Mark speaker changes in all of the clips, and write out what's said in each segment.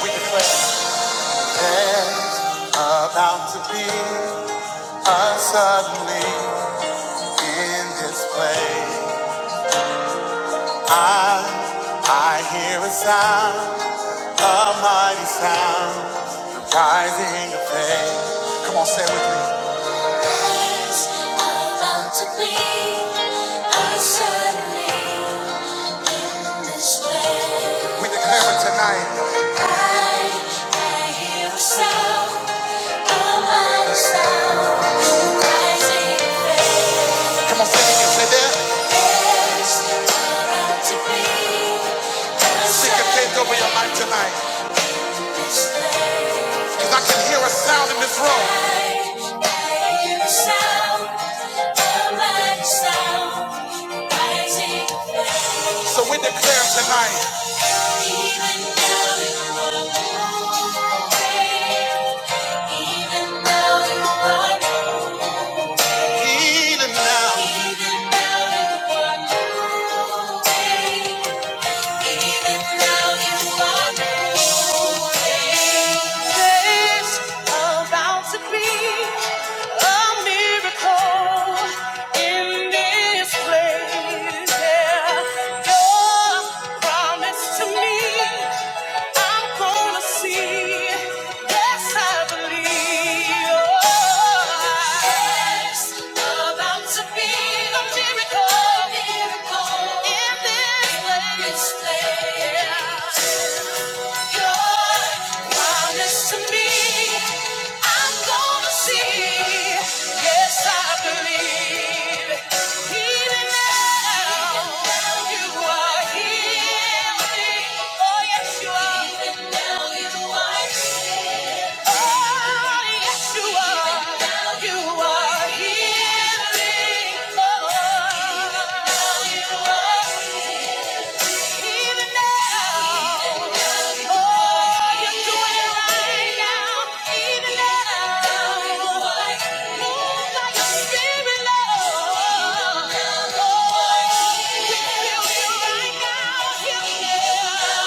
Speaker 1: There's about to be a suddenly in this place. I, I hear a sound, a mighty sound, the rising of faith. Come on, say it with me. There's about to be a suddenly We declare it tonight. I I hear a sound, a mighty sound, rising faith. Come on, sing it, say that. There's not out to be Sing your faith over your life tonight. Because I can hear a sound in this room. I I hear a sound, a mighty sound, rising faith. So we declare tonight. There's about to be a miracle in this place. Yeah. Your promise to to me, I'm gonna see. Yes, I believe. Oh, it's about to be a miracle, a miracle in this place. Promise to me, I'm gonna see. Yes, I believe. Even now, you are healing. Oh, yes, you are. Even now, you are healing. Oh, yes, you are. Even now, you are healing. Oh, even now, you are. Even now, oh, you're doing it right now. Even now, move by your spirit, Lord. Oh, heal, heal right now. Heal now.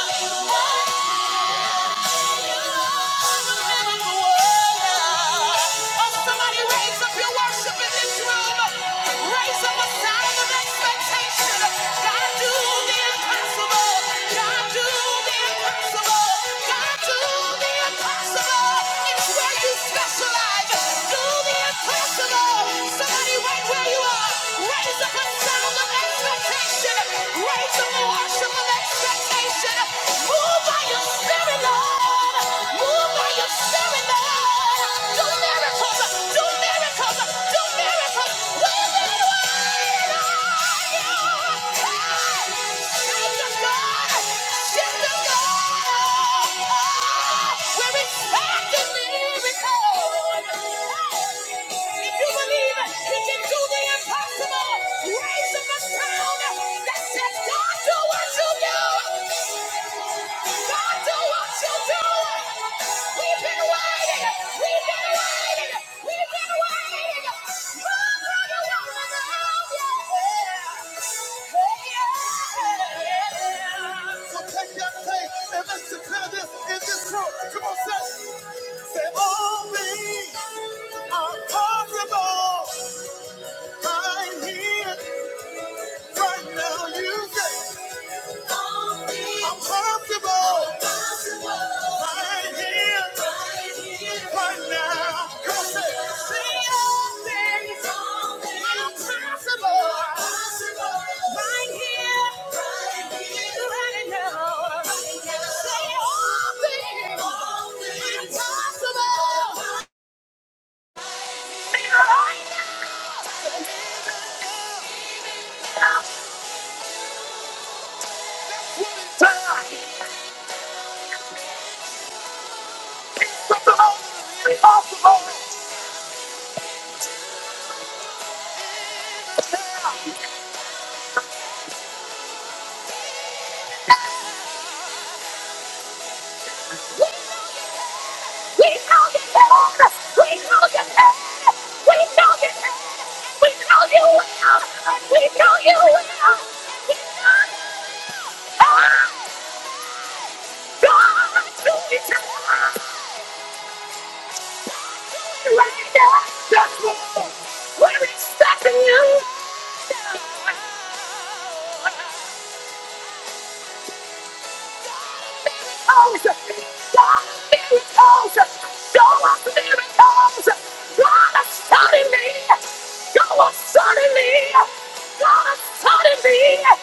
Speaker 1: Specialize. Do the impossible. Somebody right where you are, raise up a sound of expectation. Raise a worship expectation. Move by your spirit, Lord. Move by your spirit, Lord. Do miracles, do miracles, do miracles. We're living wide. Raise up a sound that says, God, do what you do! God, do what you do. We've been waiting. We've been waiting. We've been waiting. Move like a woman of your brother will love you. Yeah. So take that faith and let's declare this in this room. Come on, say, say all things are possible. I'm here right now. You say. I'm comfortable right here, right now. Come say, see all things are possible right here, right now. Say all things are possible. We know you can. We know you can. We know you can. We know you will. We know you will. We know you can. God, do it tonight. Do it right now. That's what we're expecting you. suddenly. God, suddenly. God, suddenly.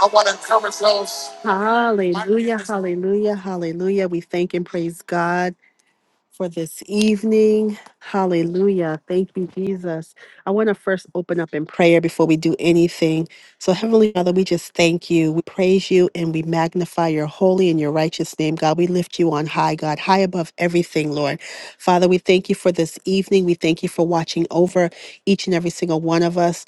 Speaker 1: I want to encourage those. Hallelujah, hallelujah, hallelujah. We thank and praise God. for this evening. Hallelujah. Thank you, Jesus. I want to first open up in prayer before we do anything. So, Heavenly Father, we just thank you. We praise you and we magnify your holy and your righteous name, God. We lift you on high, God, high above everything, Lord. Father, we thank you for this evening. We thank you for watching over each and every single one of us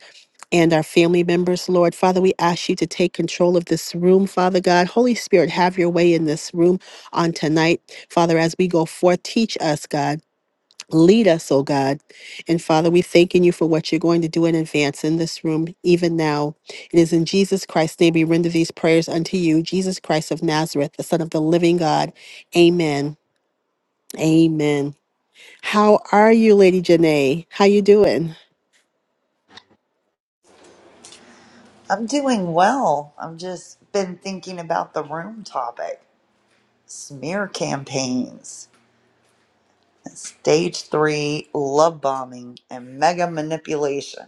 Speaker 1: and our family members, Lord. Father, we ask you to take control of this room, Father God. Holy Spirit, have your way in this room on tonight. Father, as we go forth, teach us, God. Lead us, oh God. And Father, we thanking you for what you're going to do in advance in this room, even now. It is in Jesus Christ's name we render these prayers unto you, Jesus Christ of Nazareth, the Son of the living God. Amen. Amen. How are you, Lady Janae? How you doing?
Speaker 2: I'm doing well. I've just been thinking about the room topic smear campaigns, stage three love bombing, and mega manipulation.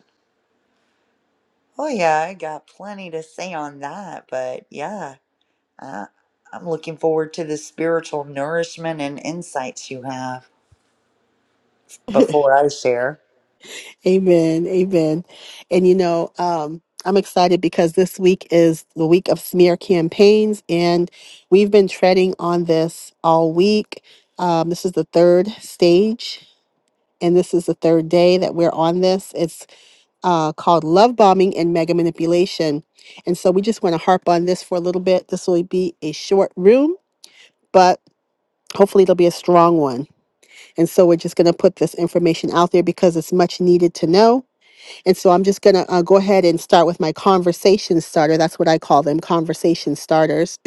Speaker 2: Oh, yeah, I got plenty to say on that, but yeah, I, I'm looking forward to the spiritual nourishment and insights you have before I share.
Speaker 1: Amen. Amen. And you know, um, I'm excited because this week is the week of smear campaigns, and we've been treading on this all week. Um, this is the third stage, and this is the third day that we're on this. It's uh, called Love Bombing and Mega Manipulation. And so we just want to harp on this for a little bit. This will be a short room, but hopefully it'll be a strong one. And so we're just going to put this information out there because it's much needed to know. And so I'm just going to uh, go ahead and start with my conversation starter. That's what I call them conversation starters.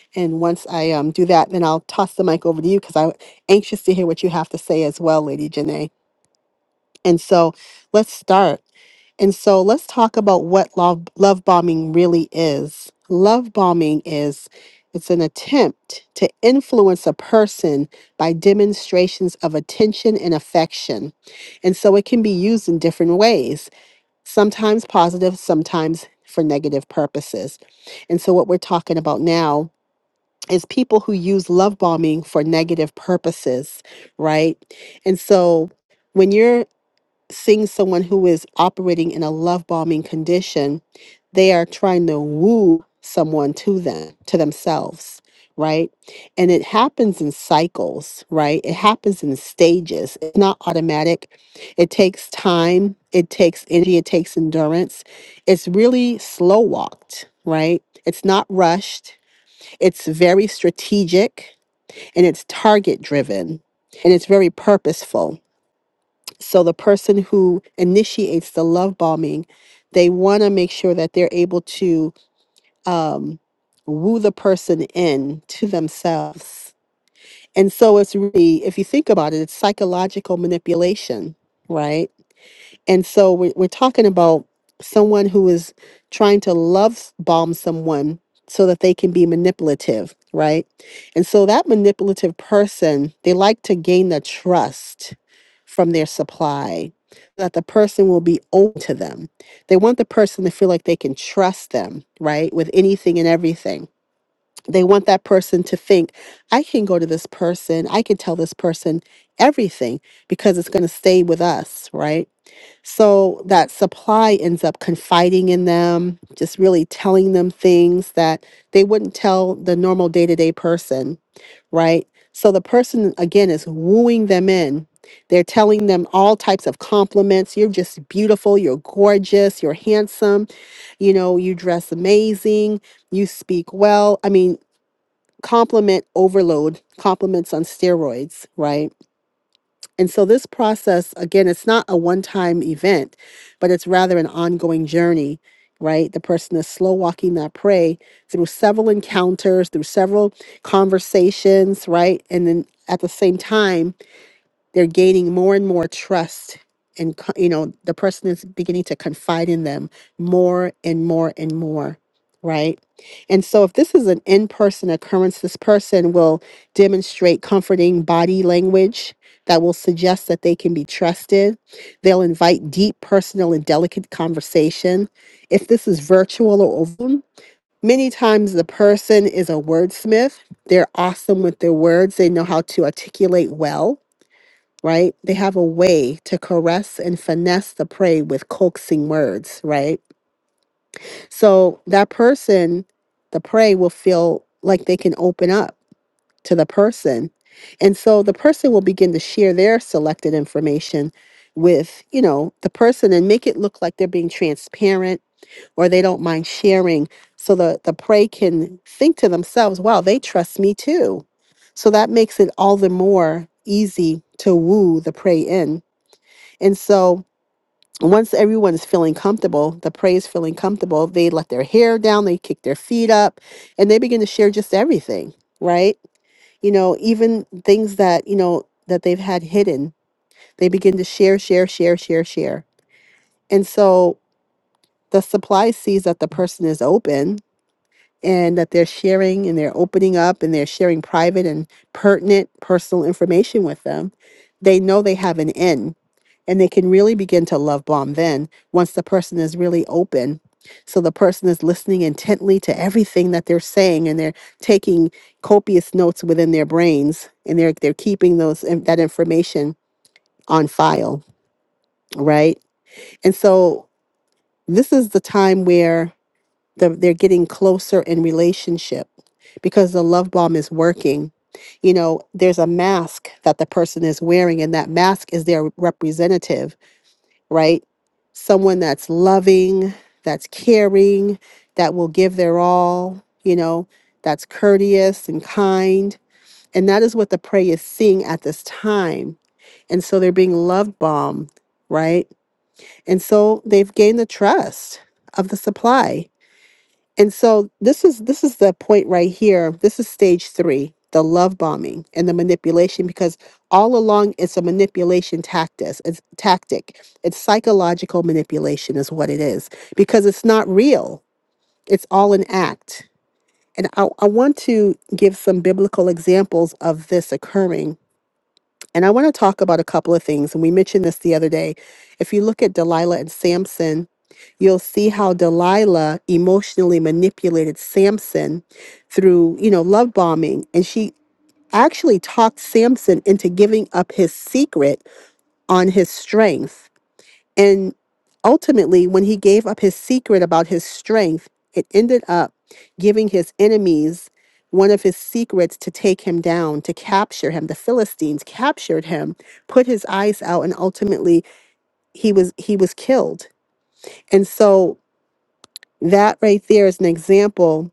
Speaker 1: and once I um, do that, then I'll toss the mic over to you because I'm anxious to hear what you have to say as well, Lady Janae. And so let's start. And so let's talk about what love, love bombing really is. Love bombing is it's an attempt to influence a person by demonstrations of attention and affection. And so it can be used in different ways, sometimes positive, sometimes for negative purposes. And so what we're talking about now is people who use love bombing for negative purposes, right? And so when you're seeing someone who is operating in a love bombing condition, they are trying to woo someone to them, to themselves, right? And it happens in cycles, right? It happens in stages. It's not automatic. It takes time, it takes energy, it takes endurance. It's really slow walked, right? It's not rushed. It's very strategic and it's target driven and it's very purposeful so the person who initiates the love bombing, they want to make sure that they're able to um, woo the person in to themselves. And so it's really, if you think about it, it's psychological manipulation, right? And so we're, we're talking about someone who is trying to love s- bomb someone so that they can be manipulative, right? And so that manipulative person, they like to gain the trust from their supply, so that the person will be open to them. They want the person to feel like they can trust them, right, with anything and everything. They want that person to think, I can go to this person, I can tell this person everything because it's going to stay with us, right? So that supply ends up confiding in them, just really telling them things that they wouldn't tell the normal day to day person right? So the person, again, is wooing them in. They're telling them all types of compliments. You're just beautiful. You're gorgeous. You're handsome. You know, you dress amazing. You speak well. I mean, compliment overload, compliments on steroids, right? And so this process, again, it's not a one time event, but it's rather an ongoing journey, right? The person is slow walking that prey through several encounters, through several conversations, right? And then at the same time, they're gaining more and more trust and co- you know the person is beginning to confide in them more and more and more right and so if this is an in-person occurrence this person will demonstrate comforting body language that will suggest that they can be trusted they'll invite deep personal and delicate conversation if this is virtual or over many times the person is a wordsmith they're awesome with their words they know how to articulate well right? They have a way to caress and finesse the prey with coaxing words, right? So that person, the prey, will feel like they can open up to the person. And so the person will begin to share their selected information with, you know, the person and make it look like they're being transparent or they don't mind sharing so the the prey can think to themselves, wow, they trust me too. So that makes it all the more easy to woo the prey in and so once everyone is feeling comfortable, the prayer is feeling comfortable, they let their hair down, they kick their feet up, and they begin to share just everything, right? You know, even things that, you know, that they've had hidden, they begin to share, share, share, share, share. And so the supply sees that the person is open and that they're sharing and they're opening up and they're sharing private and pertinent personal information with them, they know they have an end and they can really begin to love bomb then once the person is really open. So the person is listening intently to everything that they're saying and they're taking copious notes within their brains and they're they're keeping those that information on file, right? And so this is the time where the, they're getting closer in relationship because the love bomb is working. You know, there's a mask that the person is wearing, and that mask is their representative, right? Someone that's loving, that's caring, that will give their all, you know, that's courteous and kind. And that is what the prey is seeing at this time. And so they're being love bombed, right? And so they've gained the trust of the supply and so this is this is the point right here. This is stage 3, the love bombing and the manipulation because all along it's a manipulation tactic. It's tactic. It's psychological manipulation is what it is because it's not real. It's all an act. And I, I want to give some biblical examples of this occurring and I want to talk about a couple of things. And we mentioned this the other day. If you look at Delilah and Samson, you'll see how Delilah emotionally manipulated Samson through, you know, love bombing. And she actually talked Samson into giving up his secret on his strength and ultimately, when he gave up his secret about his strength, it ended up giving his enemies one of his secrets to take him down, to capture him. The Philistines captured him, put his eyes out, and ultimately he was he was killed. And so that right there is an example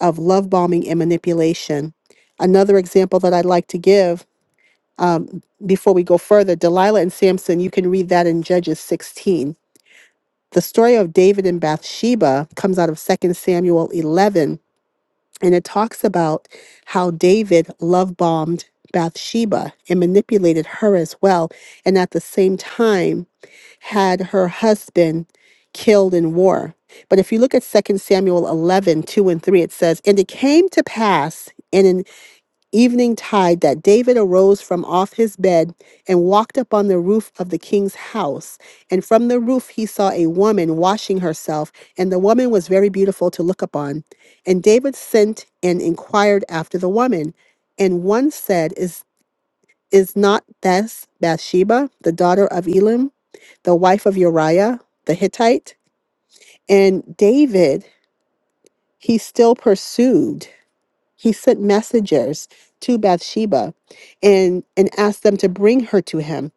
Speaker 1: of love bombing and manipulation. Another example that I'd like to give um, before we go further, Delilah and Samson, you can read that in Judges 16 the story of David and Bathsheba comes out of Second Samuel 11, and it talks about how David love bombed Bathsheba and manipulated her as well, and at the same time had her husband killed in war. But if you look at Second Samuel 11:2 and 3, it says, And it came to pass. in an." evening tide that David arose from off his bed and walked up on the roof of the king's house. And from the roof he saw a woman washing herself, and the woman was very beautiful to look upon. And David sent and inquired after the woman. And one said, Is is not this Bathsheba, the daughter of Elam, the wife of Uriah the Hittite? And David, he still pursued. He sent messengers to Bathsheba and, and asked them to bring her to him.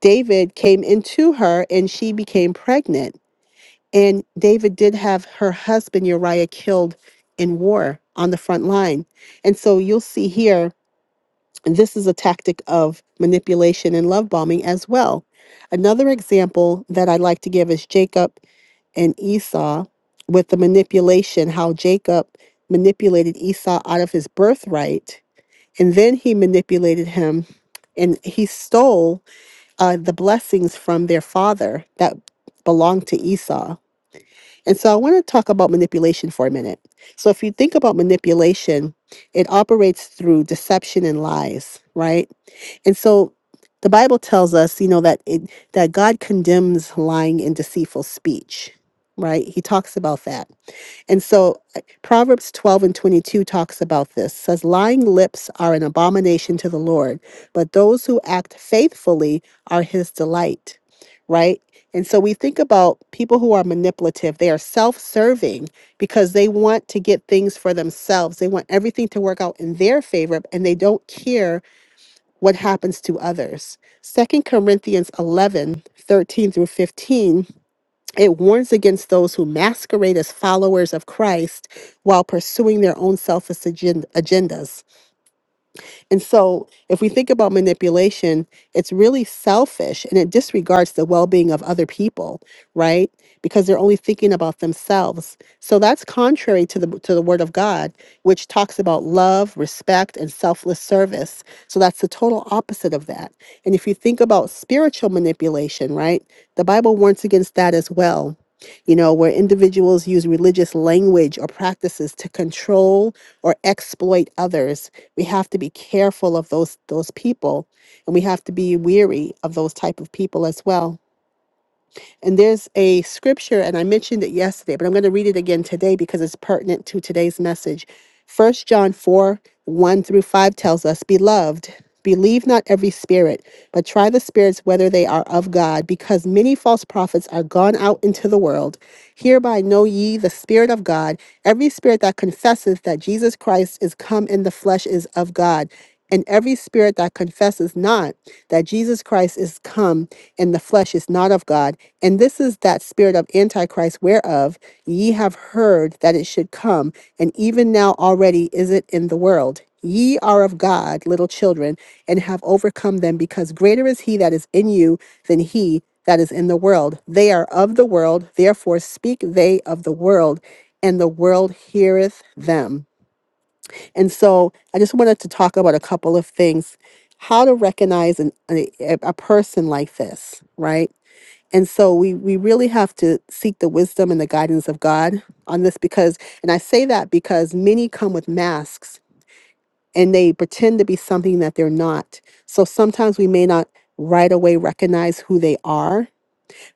Speaker 1: David came into her and she became pregnant. And David did have her husband Uriah killed in war on the front line. And so you'll see here, and this is a tactic of manipulation and love bombing as well. Another example that i like to give is Jacob and Esau with the manipulation, how Jacob manipulated Esau out of his birthright and then he manipulated him and he stole uh, the blessings from their father that belonged to Esau. And so I want to talk about manipulation for a minute. So if you think about manipulation, it operates through deception and lies, right? And so the Bible tells us, you know, that it, that God condemns lying and deceitful speech, right? He talks about that. And so uh, Proverbs 12 and 22 talks about this. Says lying lips are an abomination to the Lord, but those who act faithfully are his delight, right? And so we think about people who are manipulative. They are self-serving because they want to get things for themselves. They want everything to work out in their favor and they don't care what happens to others. Second Corinthians 11 13 through 15, it warns against those who masquerade as followers of Christ while pursuing their own selfish agen- agendas. And so, if we think about manipulation, it's really selfish and it disregards the well being of other people, right? Because they're only thinking about themselves. So, that's contrary to the, to the word of God, which talks about love, respect, and selfless service. So, that's the total opposite of that. And if you think about spiritual manipulation, right, the Bible warns against that as well. You know, where individuals use religious language or practices to control or exploit others we have to be careful of those those people and we have to be weary of those type of people as well and there's a scripture, and I mentioned it yesterday, but I'm going to read it again today because it's pertinent to today's message. First John 4 1 through 5 tells us, Beloved, believe not every spirit, but try the spirits whether they are of God, because many false prophets are gone out into the world. Hereby know ye the Spirit of God. Every spirit that confesseth that Jesus Christ is come in the flesh is of God. And every spirit that confesses not that Jesus Christ is come in the flesh is not of God. And this is that spirit of Antichrist, whereof ye have heard that it should come, and even now already is it in the world. Ye are of God, little children, and have overcome them, because greater is he that is in you than he that is in the world. They are of the world, therefore speak they of the world, and the world heareth them. And so I just wanted to talk about a couple of things how to recognize an, a, a a person like this, right? And so we, we really have to seek the wisdom and the guidance of God on this because, and I say that because many come with masks and they pretend to be something that they're not. So sometimes we may not right away recognize who they are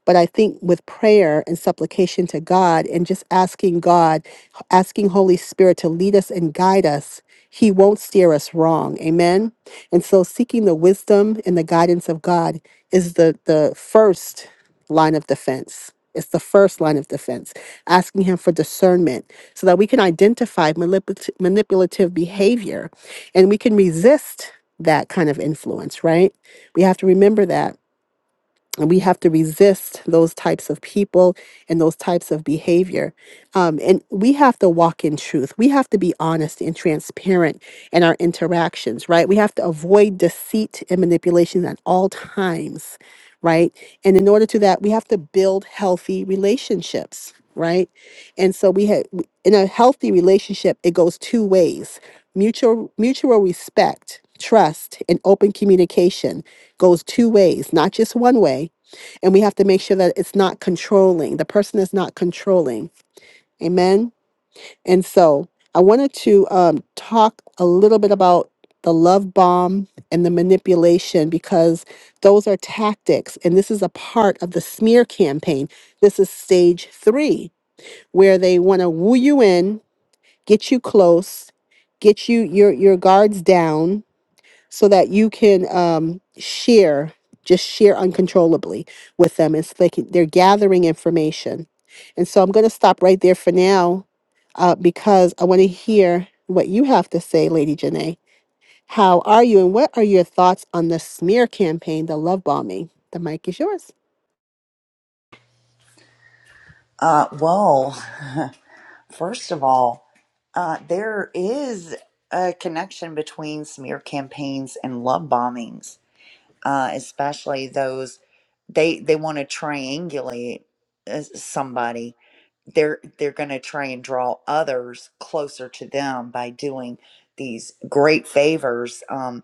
Speaker 1: but I think with prayer and supplication to God and just asking God, asking Holy Spirit to lead us and guide us, He won't steer us wrong. Amen. And so seeking the wisdom and the guidance of God is the, the first line of defense. It's the first line of defense, asking him for discernment so that we can identify manipul- manipulative behavior and we can resist that kind of influence, right? We have to remember that. And we have to resist those types of people and those types of behavior. Um, and we have to walk in truth. We have to be honest and transparent in our interactions, right? We have to avoid deceit and manipulation at all times right? And in order to that, we have to build healthy relationships, right? And so we have in a healthy relationship, it goes two ways. Mutual mutual respect, trust, and open communication goes two ways, not just one way. And we have to make sure that it's not controlling. The person is not controlling. Amen. And so I wanted to um, talk a little bit about the love bomb and the manipulation because those are tactics. And this is a part of the smear campaign. This is stage three, where they want to woo you in, get you close, get you your, your guards down so that you can um, share, just share uncontrollably with them. It's like they're gathering information. And so I'm going to stop right there for now uh, because I want to hear what you have to say, Lady Janae. How are you, and what are your thoughts on the smear campaign, the love bombing? The mic is yours.
Speaker 2: Uh, well, first of all, uh, there is a connection between smear campaigns and love bombings uh, especially those they they want to triangulate uh, somebody they're they're going to try and draw others closer to them by doing these great favors um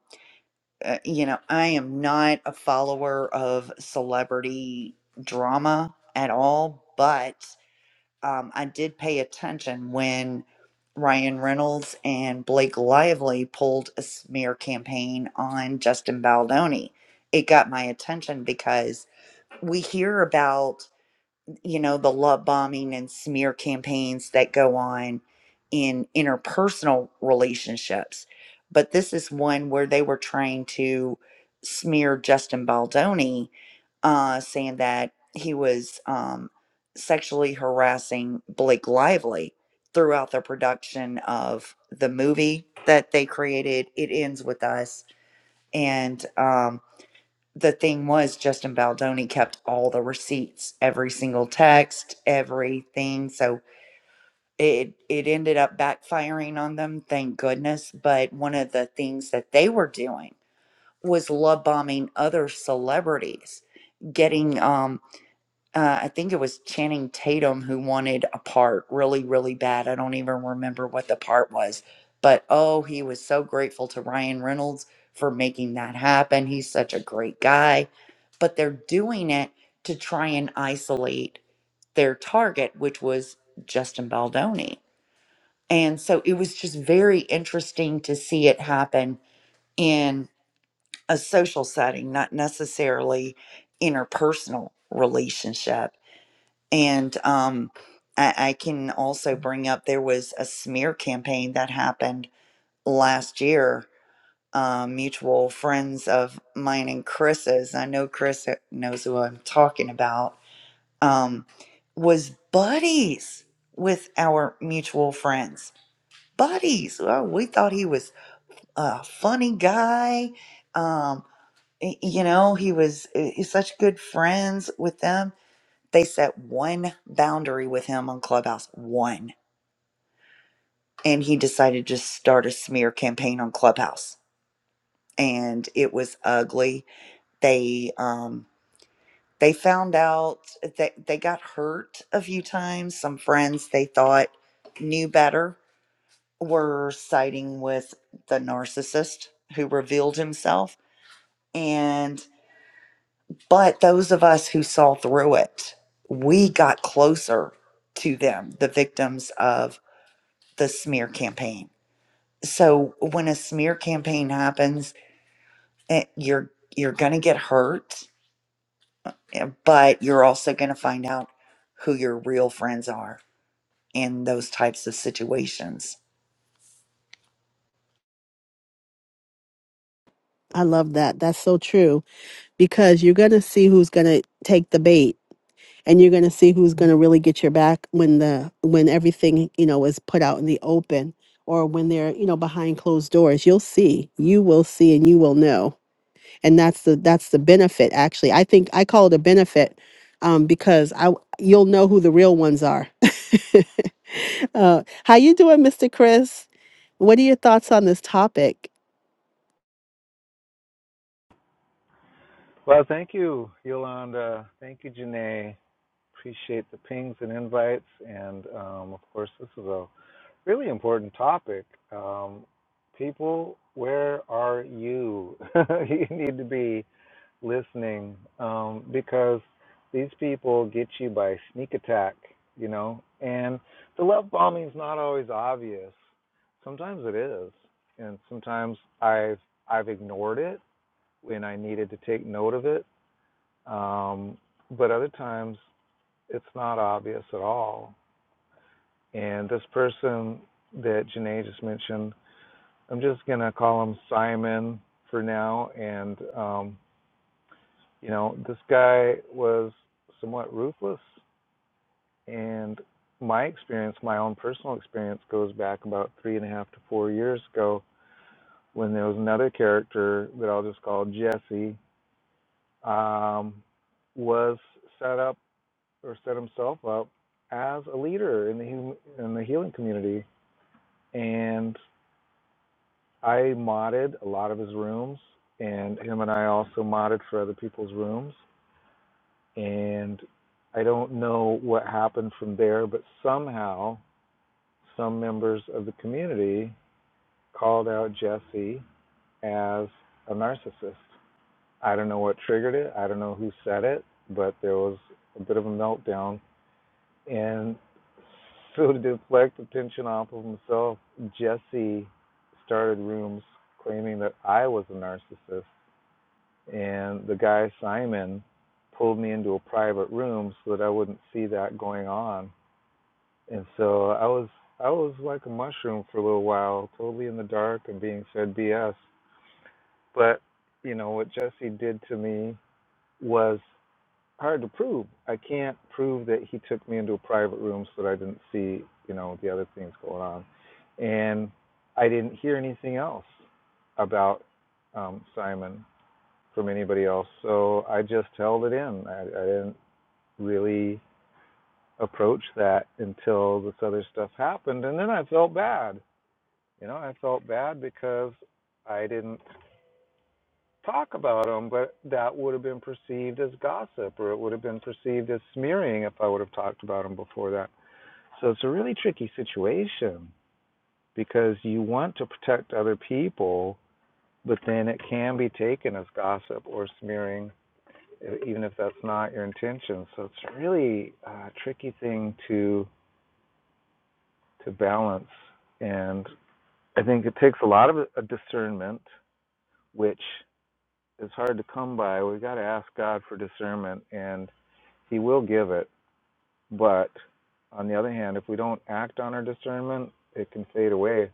Speaker 2: uh, you know i am not a follower of celebrity drama at all but um, I did pay attention when Ryan Reynolds and Blake Lively pulled a smear campaign on Justin Baldoni. It got my attention because we hear about you know, the love bombing and smear campaigns that go on in interpersonal relationships. But this is one where they were trying to smear Justin Baldoni, uh, saying that he was um, sexually harassing Blake Lively throughout the production of the movie that they created, It Ends With Us. And um, the thing was Justin Baldoni kept all the receipts, every single text, everything. So it it ended up backfiring on them, thank goodness. But one of the things that they were doing was love bombing other celebrities, getting um uh, I think it was Channing Tatum who wanted a part really, really bad. I don't even remember what the part was, but oh, he was so grateful to Ryan Reynolds for making that happen. He's such a great guy. But they're doing it to try and isolate their target, which was Justin Baldoni. And so it was just very interesting to see it happen in a social setting, not necessarily interpersonal relationship and um, I, I can also bring up there was a smear campaign that happened last year. Uh, mutual friends of mine and Chris's, I know Chris knows who I'm talking about, um, was buddies with our mutual friends. Buddies. Oh, we thought he was a funny guy. Um, y- you know, he was uh, such good friends with them they set one boundary with him on Clubhouse, one. And he decided to just start a smear campaign on Clubhouse. And it was ugly. They um they found out that they got hurt a few times. Some friends they thought knew better were siding with the narcissist who revealed himself. And but those of us who saw through it, we got closer to them, the victims of the smear campaign. So when a smear campaign happens, eh, you're you're going to get hurt, eh, but you're also going to find out who your real friends are in those types of situations.
Speaker 1: I love that. That's so true because you're going to see who's going to take the bait and you're going to see who's going to really get your back when the when everything you know is put out in the open or when they're you know behind closed doors you'll see you will see and you will know and that's the that's the benefit actually i think i call it a benefit um, because i w- you'll know who the real ones are uh, how you doing mr chris what are your thoughts on this topic
Speaker 3: Well, thank you, Yolanda. Thank you, Janae. Appreciate the pings and invites. And um, of course, this is a really important topic. Um, people, where are you? you need to be listening um, because these people get you by sneak attack, you know? And the love bombing is not always obvious. Sometimes it is. And sometimes I've I've ignored it when I needed to take note of it um, but other times it's not obvious at all. And this person that Janae just mentioned, I'm just going to call him Simon for now. And, um, you know, this guy was somewhat ruthless. And my experience, my own personal experience, goes back about three and a half to four years ago when there was another character that I'll just call Jesse, um, was set up or set himself up as a leader in the hum- in the healing community. And I modded a lot of his rooms, and him and I also modded for other people's rooms. And I don't know what happened from there, but somehow some members of the community called out Jesse as a narcissist. I don't know what triggered it. I don't know who said it, but there was a bit of a meltdown And so to deflect attention off of himself, Jesse started rooms claiming that I was a narcissist. And the guy, Simon, pulled me into a private room so that I wouldn't see that going on. And so I was I was like a mushroom for a little while, totally in the dark and being fed BS. But, you know, what Jesse did to me was hard to prove. I can't prove that he took me into a private room so that I didn't see, you know, the other things going on. And I didn't hear anything else about um, Simon from anybody else. So I just held it in. I, I didn't really approach that until this other stuff happened. And then I felt bad. You know, I felt bad because I didn't talk about them, but that would have been perceived as gossip or it would have been perceived as smearing if I would have talked about them before that. So it's a really tricky situation because you want to protect other people, but then it can be taken as gossip or smearing, e- even if that's not your intention. So it's really a tricky thing to to balance, and I think it takes a lot of a discernment, which is hard to come by. We've got to ask God for discernment and He will give it, but on the other hand, if we don't act on our discernment, it can fade away.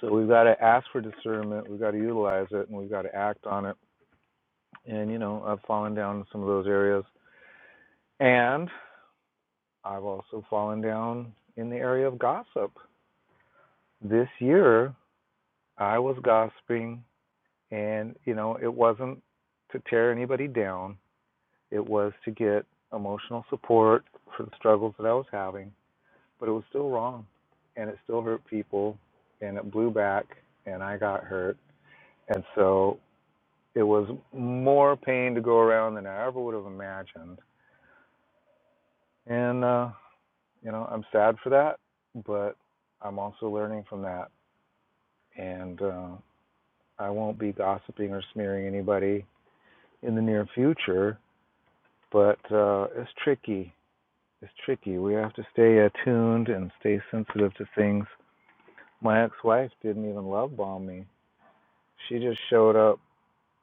Speaker 3: So we've got to ask for discernment, we've got to utilize it, and we've got to act on it. And, you know, I've fallen down in some of those areas. And I've also fallen down in the area of gossip. This year, I was gossiping, and, you know, it wasn't to tear anybody down, it was to get emotional support for the struggles that I was having. but it was still wrong and it still hurt people and it blew back and I got hurt. And so it was more pain to go around than I ever would have imagined. And, uh, you know, I'm sad for that, but I'm also learning from that. And uh, I won't be gossiping or smearing anybody in the near future, but uh, it's tricky. It's tricky. We have to stay attuned and stay sensitive to things. My ex wife didn't even love bomb me She just showed up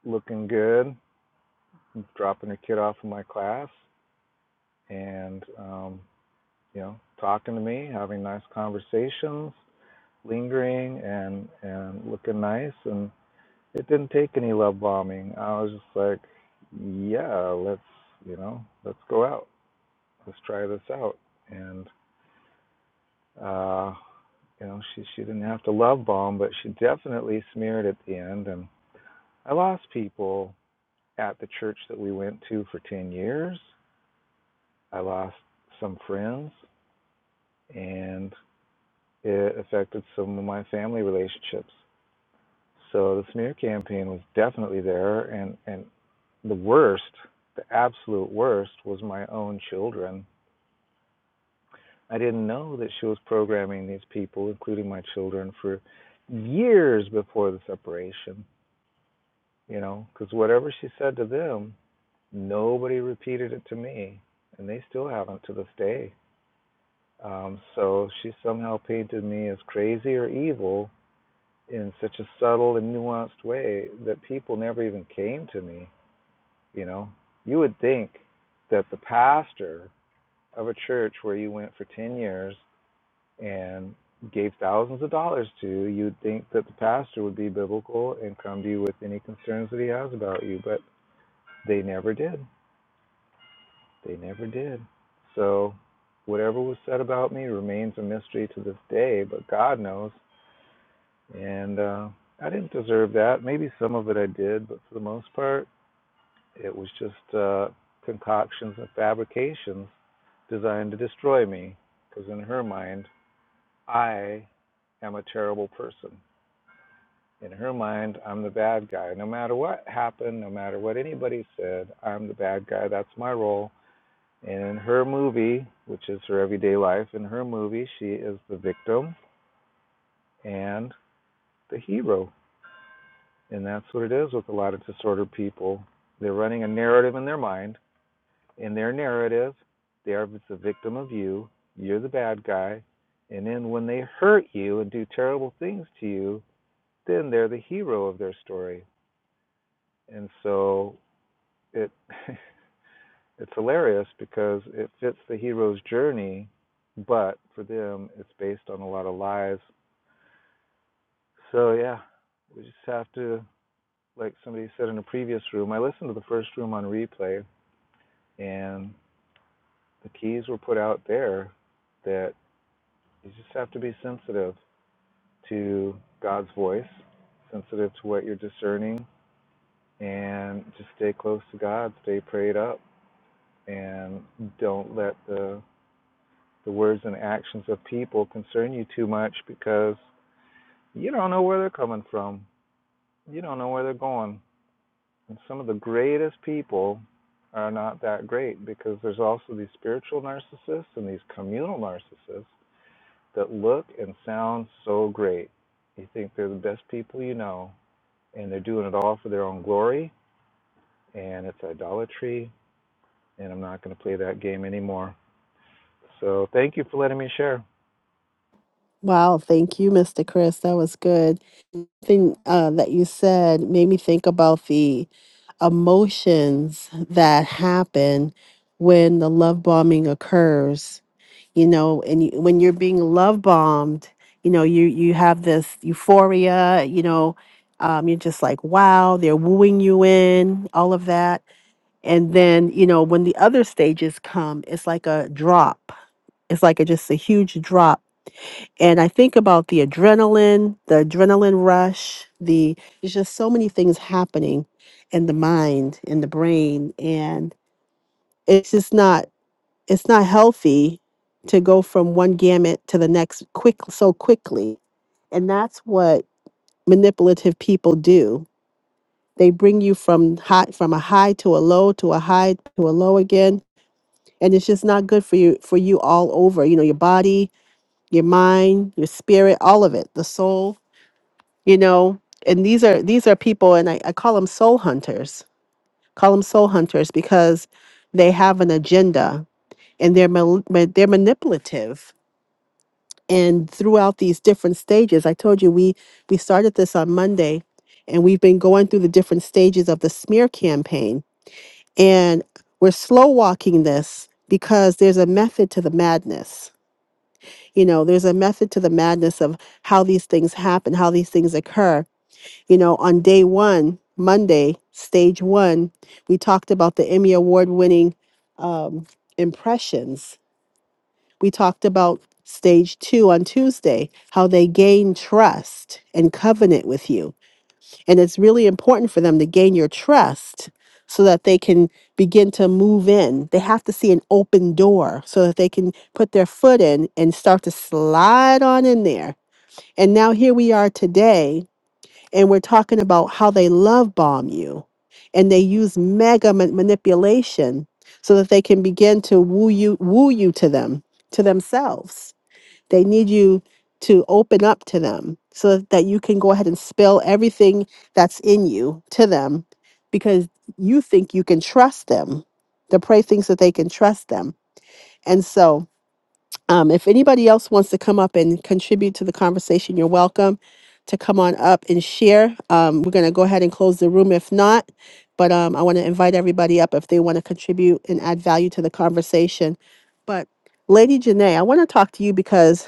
Speaker 3: looking good, dropping her kid off in my class, and um, you know, talking to me, having nice conversations, lingering, and and looking nice. And it didn't take any love bombing. I was just like, yeah, let's you know, let's go out, let's try this out, and uh, you know, she she didn't have to love bomb, but she definitely smeared at the end, and I lost people at the church that we went to for 10 years. I lost some friends and it affected some of my family relationships. So the smear campaign was definitely there and and the worst, the absolute worst was my own children. I didn't know that she was programming these people, including my children for years before the separation, you know, cuz whatever she said to them, nobody repeated it to me, and they still haven't to this day. Um, so she somehow painted me as crazy or evil in such a subtle and nuanced way that people never even came to me. You know, you would think that the pastor of a church where you went for 10 years and gave thousands of dollars to, you'd think that the pastor would be biblical and come to you with any concerns that he has about you, but they never did. They never did. So, whatever was said about me remains a mystery to this day, but God knows And uh, I didn't deserve that. Maybe some of it I did, but for the most part, it was just uh, concoctions and fabrications designed to destroy me. Because in her mind, I am a terrible person. In her mind, I'm the bad guy. No matter what happened, no matter what anybody said, I'm the bad guy. That's my role. And in her movie, which is her everyday life, in her movie, she is the victim and the hero And that's what it is with a lot of disordered people. They're running a narrative in their mind. In their narrative, they are the victim of you. You're the bad guy. And then when they hurt you and do terrible things to you, then they're the hero of their story. And so it it's hilarious because it fits the hero's journey, but for them it's based on a lot of lies. So yeah, we just have to like somebody said in a previous room, I listened to the first room on replay and the keys were put out there that you just have to be sensitive to God's voice, sensitive to what you're discerning, and just stay close to God, stay prayed up, and don't let the the words and actions of people concern you too much because you don't know where they're coming from. You don't know where they're going. And some of the greatest people are not that great because there's also these spiritual narcissists and these communal narcissists that look and sound so great. You think they're the best people you know, and they're doing it all for their own glory, and it's idolatry, and I'm not going to play that game anymore. So thank you for letting me share.
Speaker 1: wow thank you mr chris that was good thing uh, that you said made me think about the emotions that happen when the love bombing occurs you know and you, when you're being love bombed you know you you have this euphoria you know um, you're just like wow they're wooing you in all of that and then you know when the other stages come it's like a drop it's like a, just a huge drop and i think about the adrenaline the adrenaline rush the there's just so many things happening in the mind in the brain and it's just not it's not healthy to go from one gamut to the next quick so quickly and that's what manipulative people do they bring you from high from a high to a low to a high to a low again and it's just not good for you for you all over you know your body your mind your spirit all of it the soul you know and these are these are people and i, I call them soul hunters call them soul hunters because they have an agenda and they're mal- ma- they're manipulative and throughout these different stages i told you we we started this on monday and we've been going through the different stages of the smear campaign and we're slow walking this because there's a method to the madness you know there's a method to the madness of how these things happen how these things occur you know on day one monday stage one we talked about the emmy award winning um, impressions we talked about stage two on Tuesday, how they gain trust and covenant with you. And it's really important for them to gain your trust so that they can begin to move in. They have to see an open door so that they can put their foot in and start to slide on in there. And now here we are today, and we're talking about how they love bomb you and they use mega ma- manipulation so that they can begin to woo you woo you to them to themselves they need you to open up to them so that you can go ahead and spill everything that's in you to them because you think you can trust them The prey thinks that they can trust them. And so, um, if anybody else wants to come up and contribute to the conversation, you're welcome to come on up and share. Um, we're going to go ahead and close the room if not, but um, I want to invite everybody up if they want to contribute and add value to the conversation. But Lady Janae, I want to talk to you because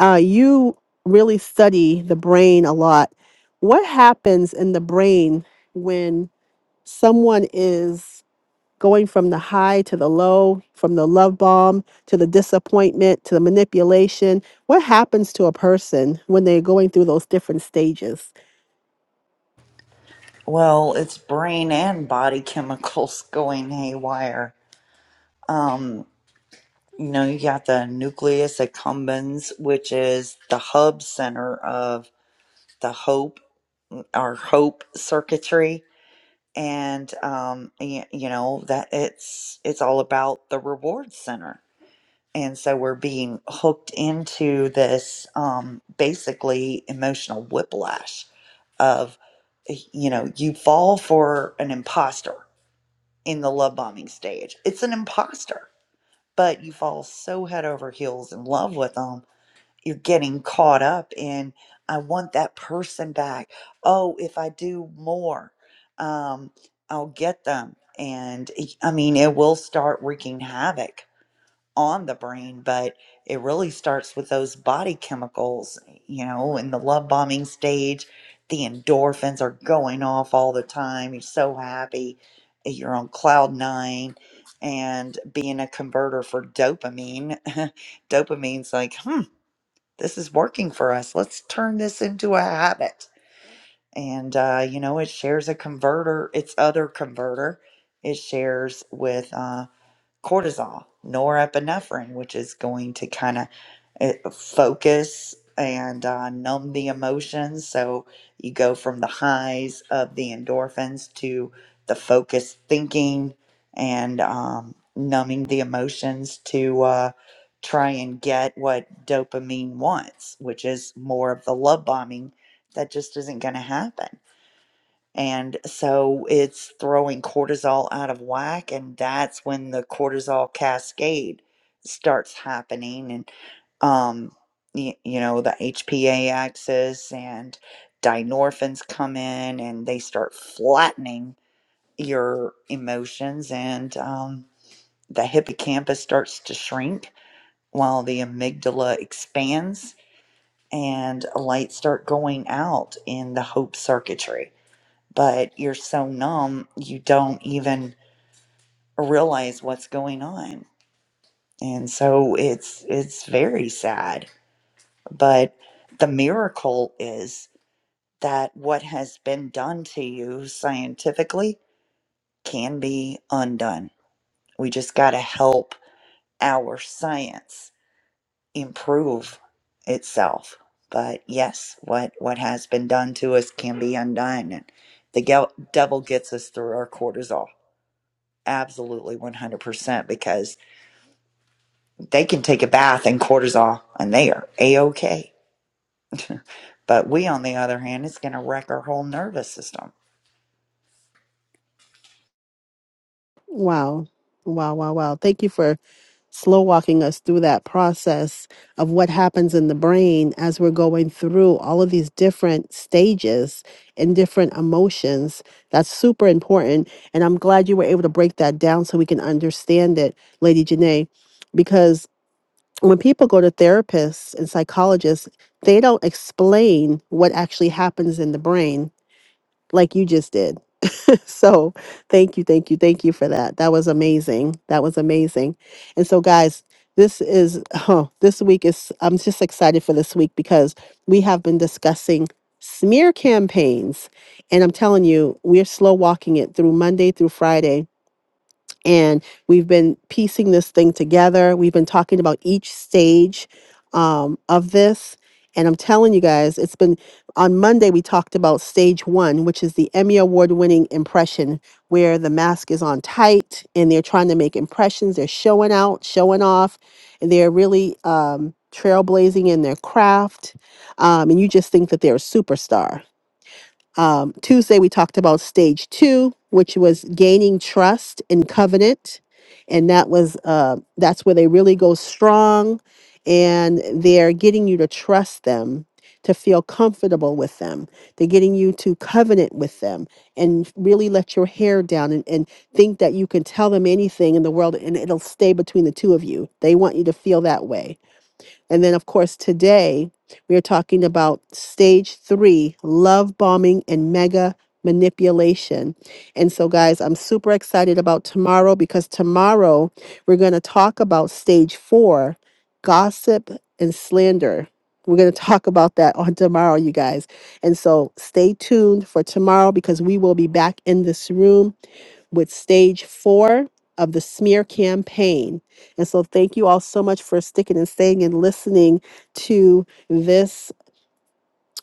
Speaker 1: uh, you really study the brain a lot. What happens in the brain when someone is going from the high to the low, from the love bomb to the disappointment to the manipulation? What happens to a person when they're going through those different stages?
Speaker 2: Well, it's brain and body chemicals going haywire. Um, you know, you got the nucleus accumbens, which is the hub center of the hope, our hope circuitry and um y- you know that it's it's all about the reward center and so we're being hooked into this um basically emotional whiplash of eh, you know you fall for an imposter in the love bombing stage it's an imposter but you fall so head over heels in love with them you're getting caught up in i want that person back oh if i do more um, i'll get them and it- i mean it will start wreaking havoc on the brain but it really starts with those body chemicals you know in the love bombing stage the endorphins are going off all the time you're so happy you're on cloud nine and being a converter for dopamine dopamine's like hmm this is working for us. Let's turn this into a habit. And, uh, you know, it shares a converter, its other converter. It shares with uh, cortisol, norepinephrine, which is going to kind of focus and uh, numb the emotions. So you go from the highs of the endorphins to the focused thinking and um, numbing the emotions to uh, try and get what dopamine wants, which is more of the love bombing that just isn't going to happen and so it's throwing cortisol out of whack, and that's when the cortisol cascade starts happening. And, um, you, you know, the HPA axis and dynorphins come in and they start flattening your emotions, and um, the hippocampus starts to shrink while the amygdala expands and lights start going out in the hope circuitry but you're so numb you don't even realize what's going on and so it's it's very sad but the miracle is that what has been done to you scientifically can be undone we just got to help our science improve itself but yes what what has been done to us can be undone and the gel- devil gets us through our cortisol Absolutely 100% because they can take a bath in cortisol and they are A-OK. But we, on the other hand, it's going to wreck our whole nervous system.
Speaker 1: Wow. Wow, wow, wow. Thank you for slow walking us through that process of what happens in the brain as we're going through all of these different stages and different emotions. That's super important. And I'm glad you were able to break that down so we can understand it, Lady Janae, because when people go to therapists and psychologists, they don't explain what actually happens in the brain like you just did so thank you, thank you, thank you for that. That was amazing. That was amazing. And so, guys, this is oh, this week is I'm just excited for this week because we have been discussing smear campaigns, and I'm telling you, we're slow walking it through Monday through Friday and we've been piecing this thing together. We've been talking about each stage um, of this. And I'm telling you guys, it's been on Monday, we talked about stage one, which is the Emmy Award winning impression, where the mask is on tight and they're trying to make impressions. They're showing out, showing off, and they're really um, trailblazing in their craft. Um, and you just think that they're a superstar. Um, Tuesday, we talked about stage two, which was gaining trust in covenant. And that was, uh, that's where they really go strong and they're getting you to trust them, to feel comfortable with them. They're getting you to covenant with them and really let your hair down and, and think that you can tell them anything in the world and it'll stay between the two of you. They want you to feel that way and then, of course, today we are talking about stage three love bombing and mega manipulation. And so, guys, I'm super excited about tomorrow because tomorrow we're going to talk about stage four gossip and slander. We're going to talk about that on tomorrow, you guys. And so stay tuned for tomorrow because we will be back in this room with stage four of the smear campaign. And so, thank you all so much for sticking and staying and listening to this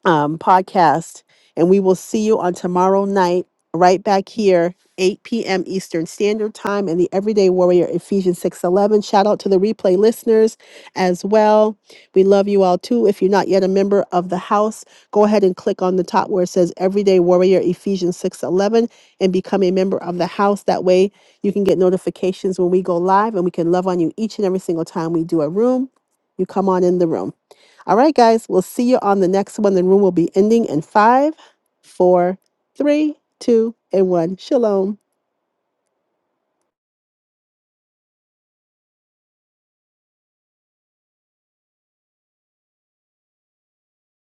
Speaker 1: um, podcast. And we will see you on tomorrow night, right back here, 8 p.m. Eastern Standard Time and the Everyday Warrior Ephesians 6.11. Shout out to the replay listeners as well. We love you all too. If you're not yet a member of the house, go ahead and click on the top where it says Everyday Warrior Ephesians 6.11 and become a member of the house. That way you can get notifications when we go live and we can love on you each and every single time we do a room. You come on in the room. All right, guys, we'll see you on the next one. The room will be ending in five, four, three, two, and one. Shalom.